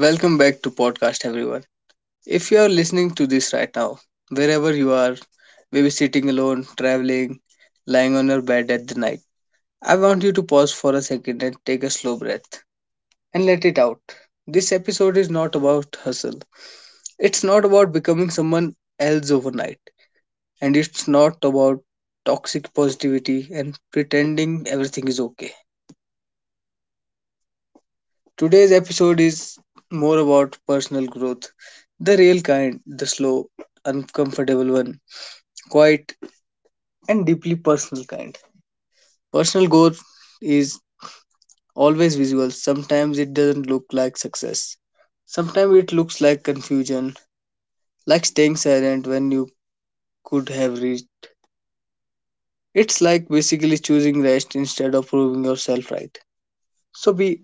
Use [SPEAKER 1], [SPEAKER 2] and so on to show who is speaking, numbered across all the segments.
[SPEAKER 1] Welcome back to podcast everyone. If you are listening to this right now, wherever you are, maybe sitting alone, traveling, lying on your bed at the night, I want you to pause for a second and take a slow breath and let it out. This episode is not about hustle. It's not about becoming someone else overnight, and it's not about toxic positivity and pretending everything is okay. Today's episode is more about personal growth, the real kind, the slow, uncomfortable one, quiet, and deeply personal kind. Personal growth is always visual, sometimes it doesn't look like success. Sometimes it looks like confusion, like staying silent when you could have reached. It's like basically choosing rest instead of proving yourself right. So we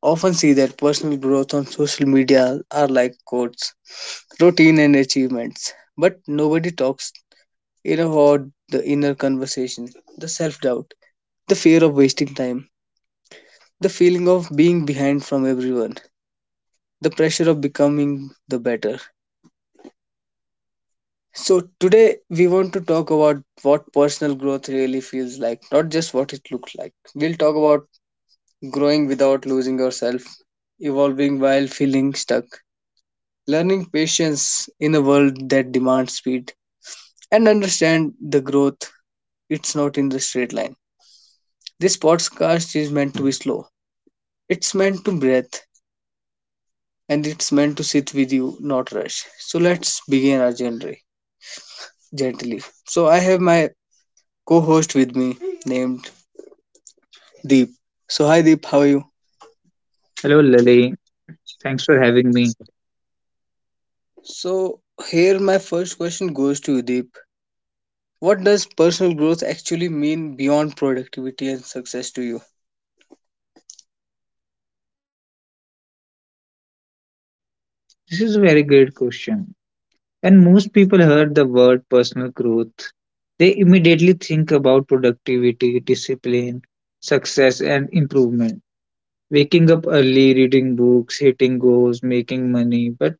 [SPEAKER 1] often see that personal growth on social media are like quotes, routine, and achievements. But nobody talks in about the inner conversation, the self doubt, the fear of wasting time, the feeling of being behind from everyone, the pressure of becoming the better. So, today we want to talk about what personal growth really feels like, not just what it looks like. We'll talk about growing without losing yourself, evolving while feeling stuck, learning patience in a world that demands speed, and understand the growth, it's not in the straight line. This podcast is meant to be slow. It's meant to breathe and it's meant to sit with you, not rush. So let's begin our journey gently. So I have my co-host with me named Deep. So hi Deep, how are you?
[SPEAKER 2] Hello, Lily. Thanks for having me.
[SPEAKER 1] So here my first question goes to you, Deep. What does personal growth actually mean beyond productivity and success to you?
[SPEAKER 2] This is a very great question. When most people heard the word personal growth, they immediately think about productivity, discipline, success, and improvement. Waking up early, reading books, hitting goals, making money, but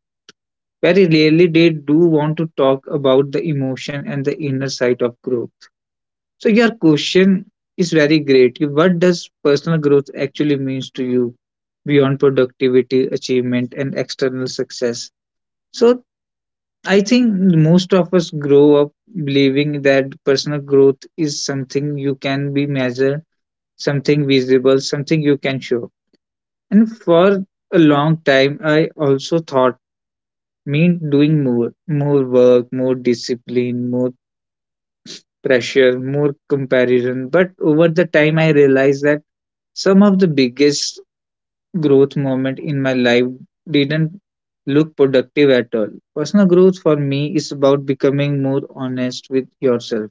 [SPEAKER 2] very rarely they do want to talk about the emotion and the inner side of growth. So your question is very great. What does personal growth actually means to you beyond productivity, achievement, and external success? So I think most of us grow up believing that personal growth is something you can be measured, something visible, something you can show. And for a long time, I also thought mean doing more, more work, more discipline, more pressure, more comparison. But over the time, I realized that some of the biggest growth moment in my life didn't look productive at all. Personal growth for me is about becoming more honest with yourself.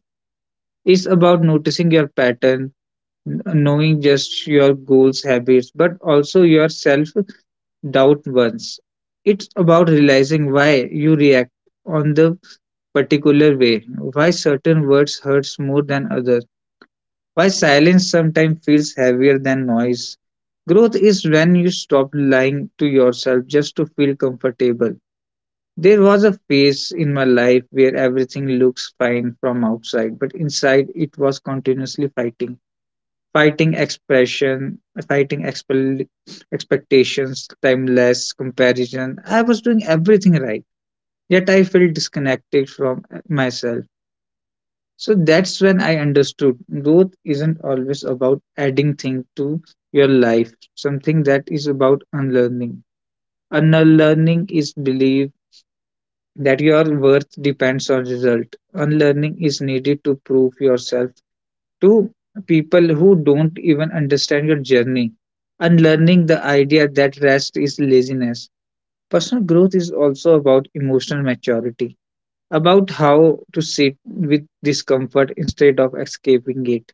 [SPEAKER 2] It's about noticing your pattern, knowing just your goals, habits, but also your self doubt ones. It's about realizing why you react on the particular way, why certain words hurts more than others, why silence sometimes feels heavier than noise. Growth is when you stop lying to yourself just to feel comfortable. There was a phase in my life where everything looks fine from outside, but inside it was continuously fighting. Fighting expression, fighting expel- expectations, timeless comparison. I was doing everything right, yet I felt disconnected from myself. So that's when I understood growth isn't always about adding things to your life, something that is about unlearning. Unlearning is belief that your worth depends on result. Unlearning is needed to prove yourself to people who don't even understand your journey. Unlearning the idea that rest is laziness. Personal growth is also about emotional maturity, about how to sit with discomfort instead of escaping it,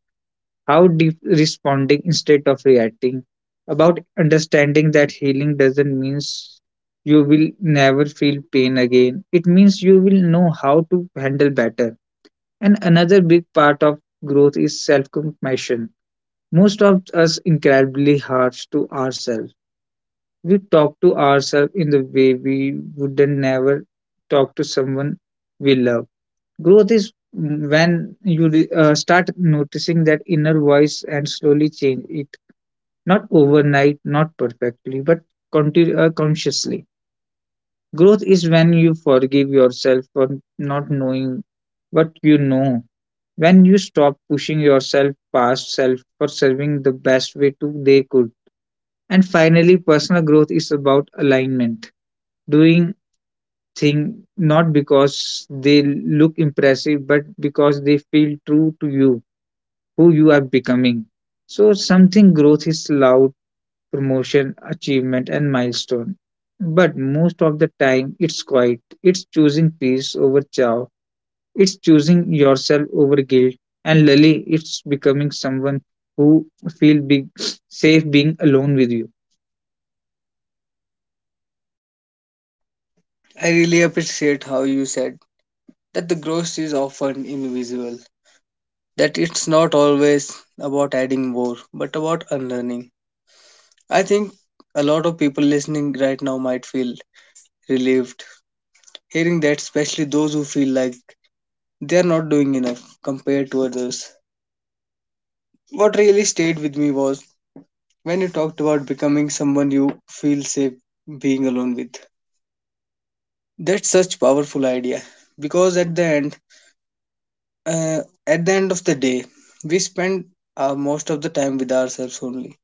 [SPEAKER 2] how responding instead of reacting, about understanding that healing doesn't mean you will never feel pain again. It means you will know how to handle better. And another big part of growth is self compassion. Most of us incredibly harsh to ourselves. We talk to ourselves in the way we wouldn't never talk to someone we love. Growth is when you start noticing that inner voice and slowly change it, not overnight, not perfectly, but consciously. Growth is when you forgive yourself for not knowing what you know, when you stop pushing yourself past self for serving the best way to they could. And finally, personal growth is about alignment, doing thing not because they look impressive, but because they feel true to you, who you are becoming. So something growth is loud promotion, achievement, and milestone. But most of the time, it's quiet. It's choosing peace over chow. It's choosing yourself over guilt. And Lily, it's becoming someone who feel big, safe being alone with you.
[SPEAKER 1] I really appreciate how you said that the growth is often invisible, that it's not always about adding more, but about unlearning. I think a lot of people listening right now might feel relieved hearing that, especially those who feel like they are not doing enough compared to others. What really stayed with me was when you talked about becoming someone you feel safe being alone with. That's such powerful idea because uh, at the end of the day we spend most of the time with ourselves only,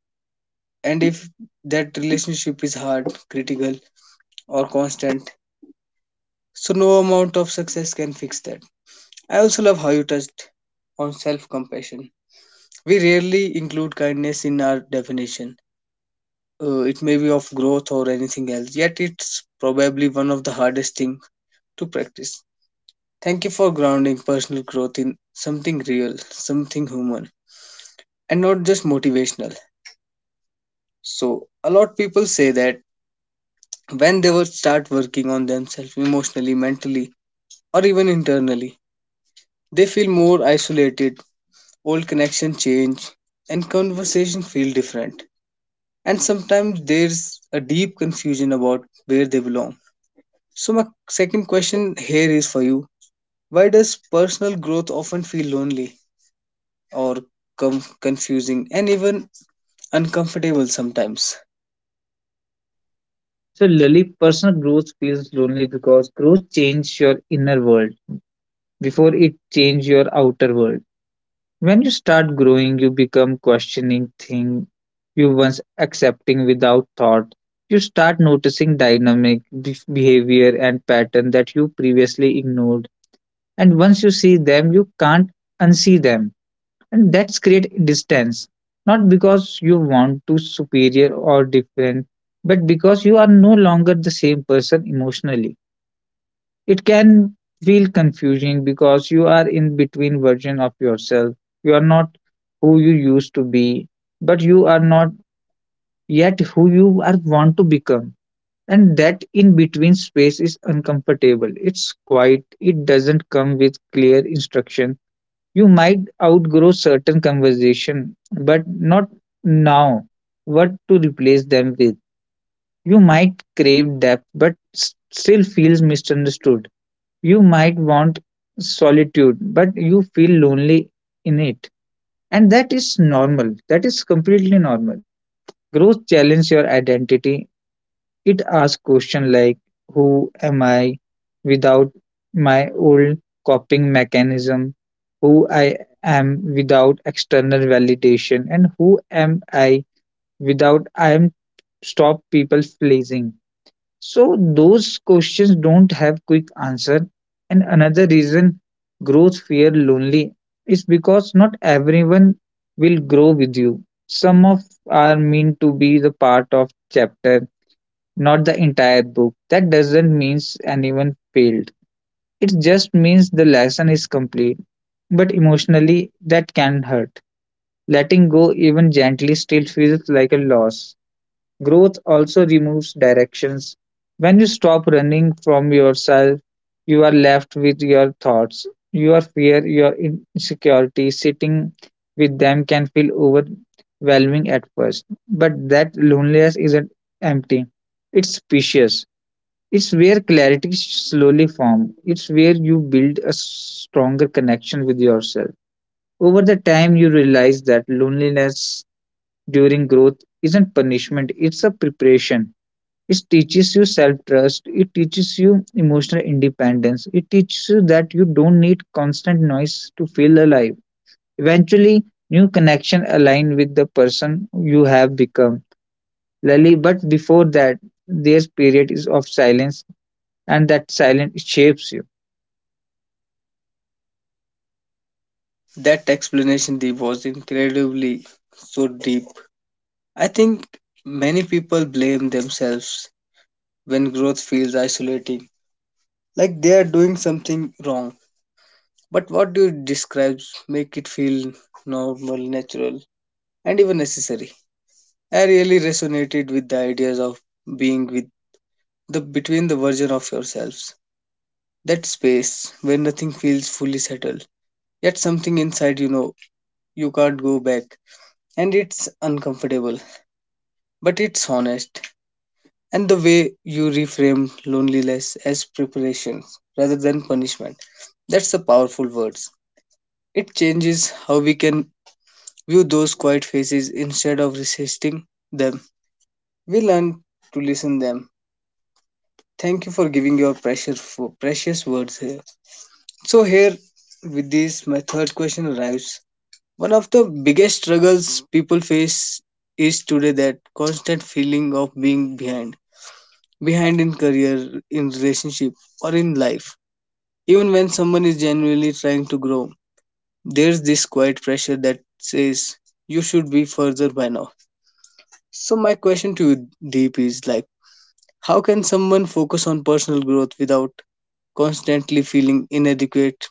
[SPEAKER 1] and if that relationship is hard critical or constant, so no amount of success can fix that. I also love how you touched on self compassion. We rarely include kindness in our definition, it may be of growth or anything else, yet it's probably one of the hardest things to practice. Thank you for grounding personal growth in something real, something human, and not just motivational. So a lot of people say that when they will start working on themselves emotionally, mentally, or even internally, they feel more isolated, old connections change, and conversation feel different. And sometimes there's a deep confusion about where they belong. So my second question here is for you. Why does personal growth often feel lonely or confusing and even uncomfortable sometimes?
[SPEAKER 2] So Lily, personal growth feels lonely because growth changes your inner world before it changes your outer world. When you start growing, you become questioning things you once accepting without thought. You start noticing dynamic behavior and pattern that you previously ignored. And once you see them, you can't unsee them. And that's create distance. Not because you want to superior or different, but because you are no longer the same person emotionally. It can feel confusing because you are in between version of yourself. You are not who you used to be, but you are not yet who you are want to become. And that in between space is uncomfortable. It's quiet. It doesn't come with clear instruction. You might outgrow certain conversation but not now what to replace them with. You might crave depth but still feels misunderstood. You might want solitude, but you feel lonely in it. And that is normal. That is completely normal. Growth challenges your identity. It asks questions like, who am I without my old coping mechanism? Who I am without external validation? And who am I without I am stop people pleasing? So those questions don't have quick answer. And another reason growth fear lonely is because not everyone will grow with you. Some of are meant to be the part of chapter, not the entire book. That doesn't mean anyone failed. It just means the lesson is complete. But emotionally that can hurt. Letting go even gently still feels like a loss. Growth also removes directions. When you stop running from yourself, you are left with your thoughts, your fear, your insecurity. Sitting with them can feel overwhelming at first, but that loneliness isn't empty. It's spacious. It's where clarity slowly forms. It's where you build a stronger connection with yourself. Over the time, you realize that loneliness during growth isn't punishment, it's a preparation. It teaches you self trust. It teaches you emotional independence. It teaches you that you don't need constant noise to feel alive. Eventually new connection align with the person you have become, Lily, but before that there's period is of silence, and that silence shapes you.
[SPEAKER 1] That explanation Deep was incredibly so deep. I think many people blame themselves when growth feels isolating, like they are doing something wrong. But what you describe make it feel normal, natural, and even necessary. I really resonated with the ideas of being with the between the version of yourselves. That space where nothing feels fully settled, yet something inside you know you can't go back, and it's uncomfortable, but it's honest. And the way you reframed loneliness as preparation rather than punishment, that's the powerful words. It changes how we can view those quiet faces. Instead of resisting them, we learn to listen them. Thank you for giving your precious words here. So here with this my third question arrives. One of the biggest struggles people face is today that constant feeling of being behind. Behind in career, in relationship, or in life. Even when someone is genuinely trying to grow, there's this quiet pressure that says you should be further by now. So my question to you, Deep, is like, how can someone focus on personal growth without constantly feeling inadequate,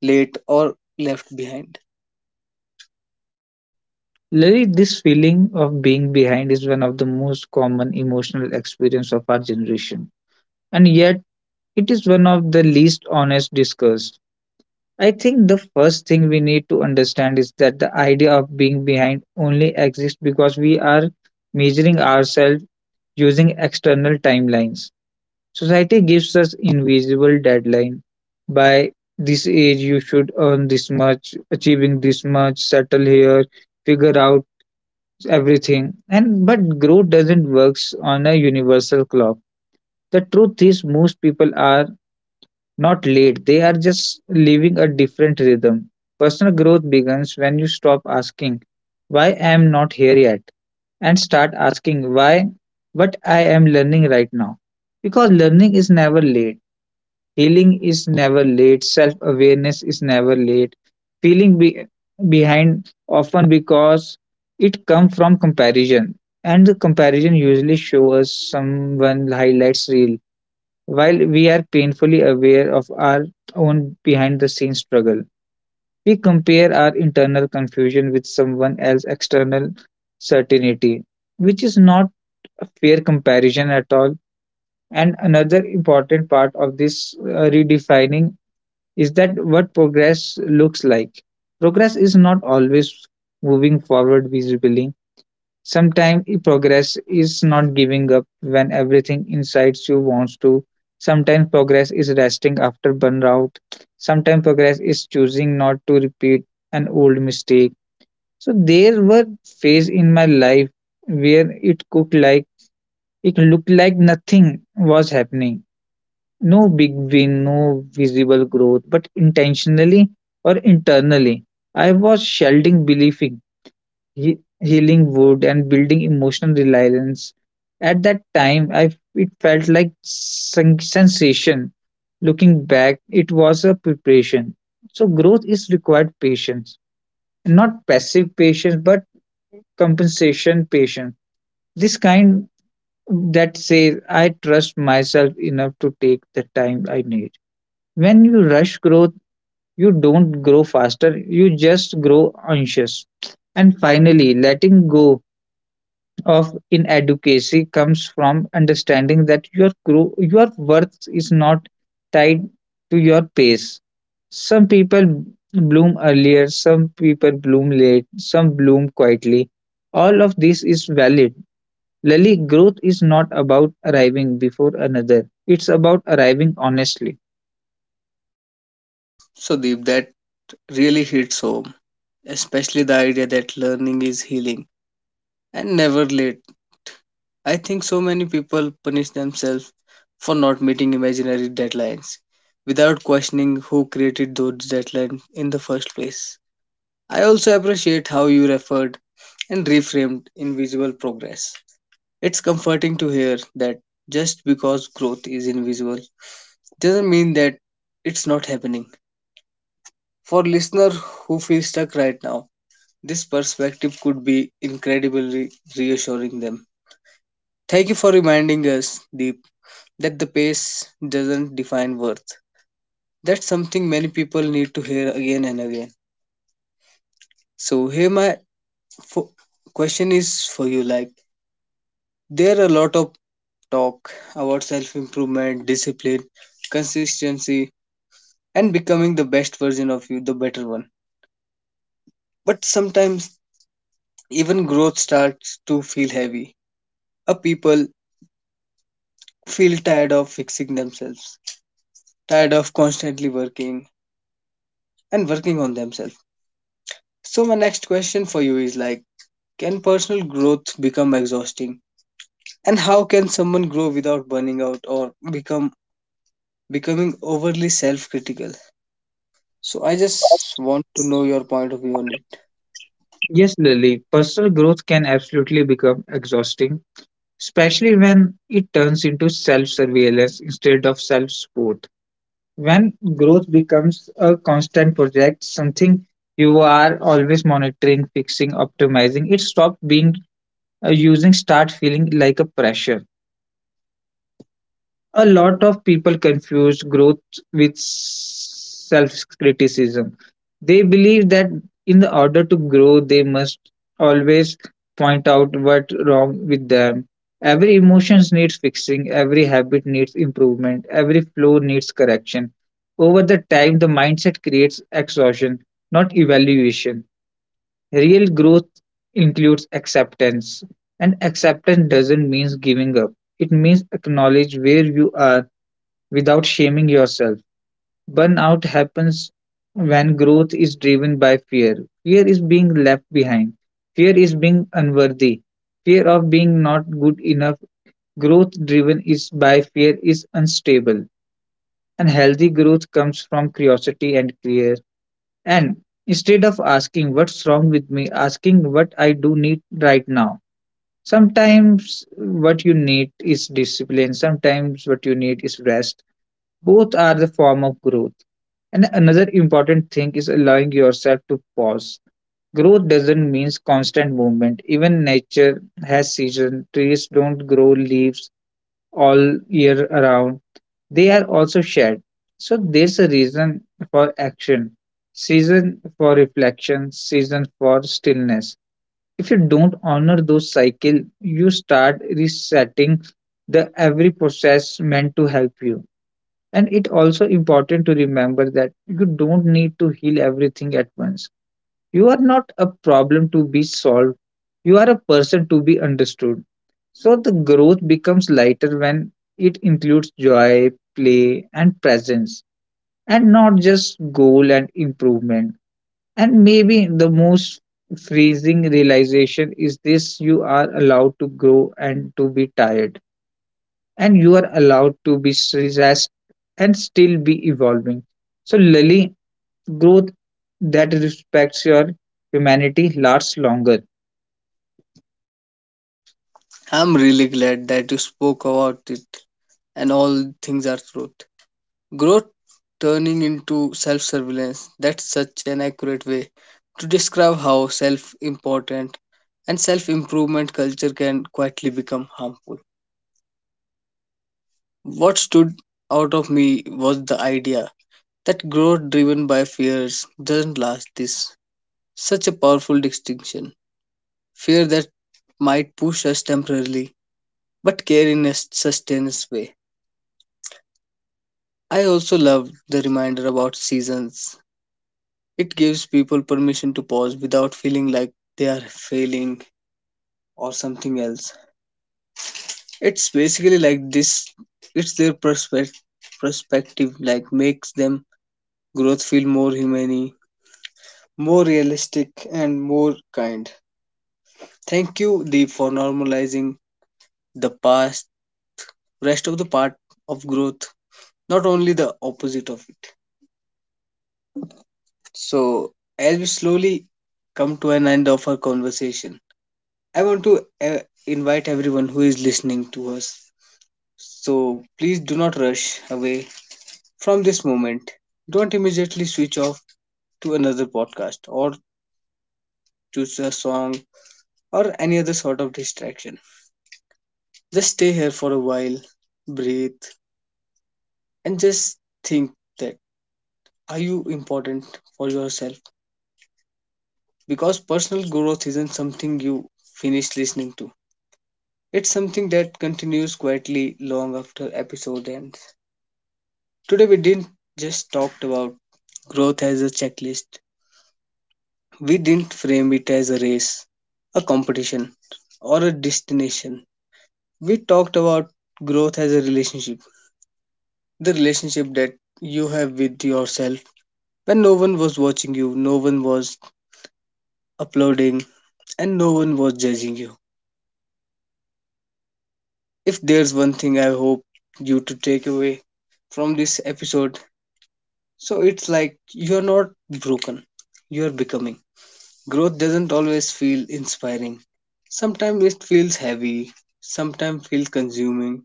[SPEAKER 1] late, or left behind?
[SPEAKER 2] Lily, this feeling of being behind is one of the most common emotional experience of our generation, and yet it is one of the least honest discussed. I think the first thing we need to understand is that the idea of being behind only exists because we are measuring ourselves using external timelines. Society gives us invisible deadline. By this age, you should earn this much, achieving this much, settle here, figure out everything. And but growth doesn't works on a universal clock. The truth is, most people are not late. They are just living a different rhythm. Personal growth begins when you stop asking, why I am not here yet? And start asking, why? What I am learning right now. Because learning is never late. Healing is never late. Self awareness is never late. Feeling behind often because it comes from comparison. And the comparison usually shows us someone highlights real while we are painfully aware of our own behind the scenes struggle. We compare our internal confusion with someone else's external certainty, which is not a fair comparison at all. And another important part of this redefining is that what progress looks like. Progress is not always moving forward visibly. Sometimes progress is not giving up when everything inside you wants to. Sometimes progress is resting after burnout. Sometimes progress is choosing not to repeat an old mistake. So there were phases in my life where it looked like nothing was happening. No big win, no visible growth, but intentionally or internally, I was shelding belief, he- healing wood and building emotional reliance. At that time, I it felt like sensation. Looking back, it was a preparation. So growth is required patience, not passive patience, but compensation patience. This kind that says I trust myself enough to take the time I need. When you rush growth you don't grow faster, you just grow anxious. And finally letting go of inadequacy comes from understanding that your grow, your worth is not tied to your pace. Some people bloom earlier, some people bloom late, some bloom quietly. All of this is valid. Lily, growth is not about arriving before another. It's about arriving honestly.
[SPEAKER 1] So Deep, that really hits home, especially the idea that learning is healing and never late. I think so many people punish themselves for not meeting imaginary deadlines without questioning who created those deadlines in the first place. I also appreciate how you referred and reframed invisible progress. It's comforting to hear that just because growth is invisible doesn't mean that it's not happening. For listener who feel stuck right now, this perspective could be incredibly reassuring them. Thank you for reminding us, Deep, that the pace doesn't define worth. That's something many people need to hear again and again. So here my fo- question is for you like, there are a lot of talk about self improvement, discipline, consistency, and becoming the best version of you, the better one. But sometimes even growth starts to feel heavy. A people feel tired of fixing themselves, tired of constantly working and working on themselves. So my next question for you is like, can personal growth become exhausting? And how can someone grow without burning out or become becoming overly self-critical? So I just want to know your point of view on it.
[SPEAKER 2] Yes, Lily, personal growth can absolutely become exhausting, especially when it turns into self surveillance instead of self support. When growth becomes a constant project, something you are always monitoring, fixing, optimizing, it stops being a using start feeling like a pressure. A lot of people confuse growth with self criticism. They believe that in the order to grow, they must always point out what's wrong with them. Every emotion needs fixing, every habit needs improvement, every flow needs correction. Over the time, the mindset creates exhaustion, not evaluation. Real growth includes acceptance, and acceptance doesn't mean giving up. It means acknowledge where you are without shaming yourself. Burnout happens when growth is driven by fear. Fear is being left behind. Fear is being unworthy. Fear of being not good enough. Growth driven is by fear is unstable. And healthy growth comes from curiosity and care. And instead of asking what's wrong with me, asking what I do need right now. Sometimes what you need is discipline. Sometimes what you need is rest. Both are the form of growth. And another important thing is allowing yourself to pause. Growth doesn't mean constant movement. Even nature has seasons. Trees don't grow leaves all year around. They are also shared. So there's a reason for action, season for reflection, season for stillness. If you don't honor those cycles, you start resetting the every process meant to help you. And it also important to remember that you don't need to heal everything at once. You are not a problem to be solved. You are a person to be understood. So the growth becomes lighter when it includes joy, play, and presence, and not just goal and improvement. And maybe the most freezing realization is this, you are allowed to grow and to be tired, and you are allowed to be stressed and still be evolving. So, Lily, growth that respects your humanity lasts longer.
[SPEAKER 1] I'm really glad that you spoke about it and all things are growth. Growth turning into self-surveillance. That's such an accurate way to describe how self-important and self-improvement culture can quietly become harmful. What stood out of me was the idea that growth driven by fears doesn't last. This such a powerful distinction, fear that might push us temporarily, but care in a sustained way. I also love the reminder about seasons. It gives people permission to pause without feeling like they are failing or something else. It's basically like this, it's their perspective like makes them growth feel more humane, more realistic, and more kind. Thank you, Deep, for normalizing the past, rest of the part of growth, not only the opposite of it. So, as we slowly come to an end of our conversation, I want to invite everyone who is listening to us. So, please do not rush away from this moment. Don't immediately switch off to another podcast or choose a song or any other sort of distraction. Just stay here for a while, breathe, and just think that, are you important for yourself? Because personal growth isn't something you finish listening to. It's something that continues quietly long after episode ends. Today we didn't just talk about growth as a checklist. We didn't frame it as a race, a competition, or a destination. We talked about growth as a relationship, the relationship that you have with yourself when no one was watching you, no one was applauding, and no one was judging you. If there's one thing I hope you to take away from this episode, so it's like you're not broken, you're becoming. Growth doesn't always feel inspiring. Sometimes it feels heavy, sometimes feels consuming,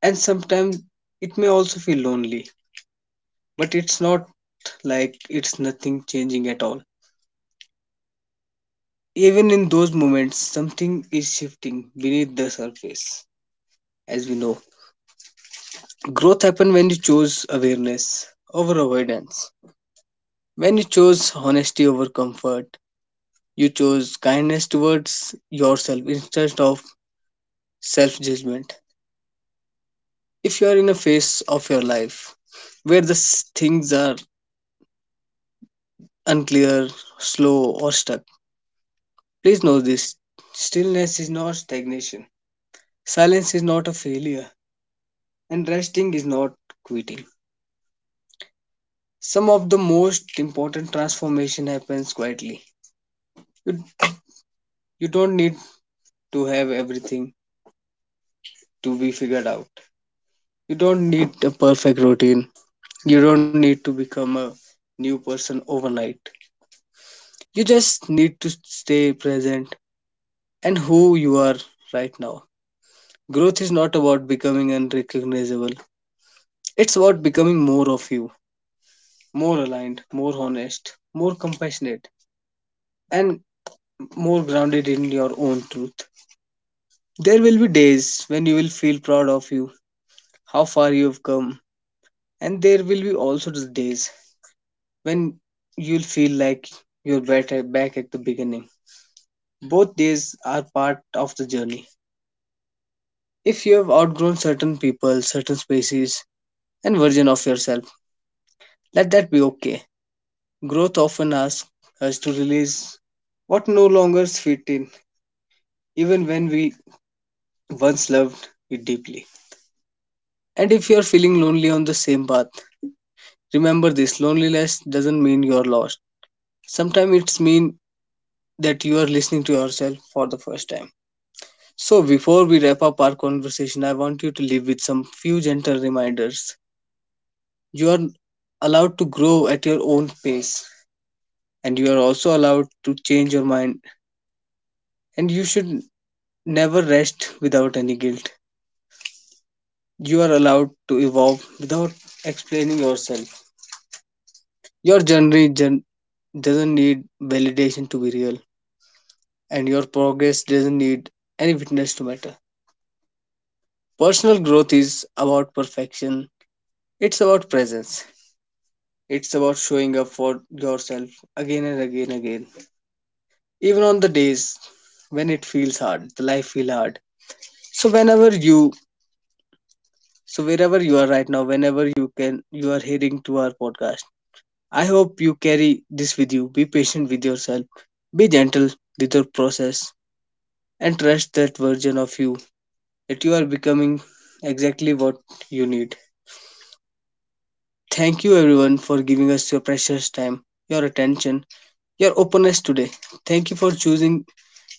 [SPEAKER 1] and sometimes it may also feel lonely. But it's not like it's nothing changing at all. Even in those moments, something is shifting beneath the surface, as we know. Growth happens when you choose awareness over avoidance. When you chose honesty over comfort, you chose kindness towards yourself instead of self judgment. If you are in a phase of your life where the things are unclear, slow, or stuck, please know this, stillness is not stagnation, silence is not a failure, and resting is not quitting. Some of the most important transformation happens quietly. You, you don't need to have everything to be figured out. You don't need a perfect routine. You don't need to become a new person overnight. You just need to stay present and who you are right now. Growth is not about becoming unrecognizable, it's about becoming more of you, more aligned, more honest, more compassionate, and more grounded in your own truth. There will be days when you will feel proud of you, how far you have come, and there will be also the days when you'll feel like you're better back at the beginning. Both days are part of the journey. If you have outgrown certain people, certain spaces, and version of yourself, let that be okay. Growth often asks us to release what no longer fit in, even when we once loved it deeply. And if you are feeling lonely on the same path, remember this, loneliness doesn't mean you're lost. Sometimes it's mean that you are listening to yourself for the first time. So, before we wrap up our conversation, I want you to leave with some few gentle reminders. You are allowed to grow at your own pace, and you are also allowed to change your mind, and you should never rest without any guilt. You are allowed to evolve without explaining yourself. Your doesn't need validation to be real, and your progress doesn't need any witness to matter. Personal growth is about perfection, it's about presence. It's about showing up for yourself again and again and again. Even on the days when it feels hard, the life feel hard. So whenever you so wherever you are right now, whenever you can you are heading to our podcast. I hope you carry this with you. Be patient with yourself. Be gentle with your process and trust that version of you that you are becoming exactly what you need. Thank you everyone for giving us your precious time, your attention, your openness today. Thank you for choosing.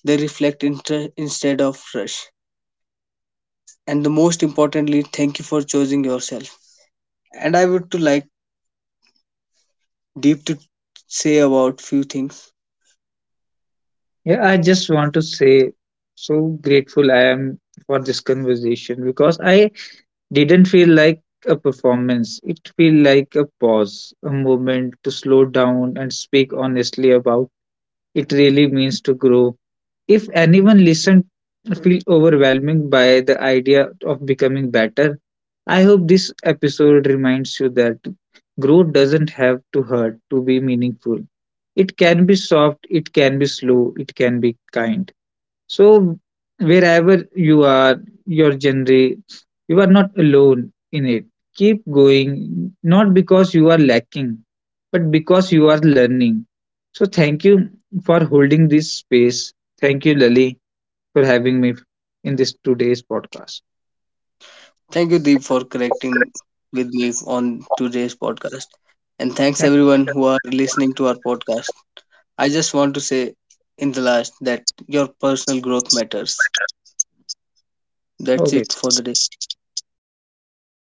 [SPEAKER 1] They reflect instead of rush. And the most importantly, thank you for choosing yourself. And I would to like Deep to say about few things.
[SPEAKER 2] Yeah, I just want to say so grateful I am for this conversation because I didn't feel like a performance. It felt like a pause, a moment to slow down and speak honestly about it really means to grow. If anyone listened feel overwhelmed by the idea of becoming better, I hope this episode reminds you that growth doesn't have to hurt to be meaningful. It can be soft, it can be slow, it can be kind. So wherever you are, your journey you are not alone in it. Keep going, not because you are lacking, but because you are learning. So thank you for holding this space. Thank you, Lali, for having me in this today's podcast.
[SPEAKER 1] Thank you, Deep, for connecting with me on today's podcast. And thanks everyone who are listening to our podcast. I just want to say in the last that your personal growth matters. That's
[SPEAKER 2] Okay.
[SPEAKER 1] it for the day.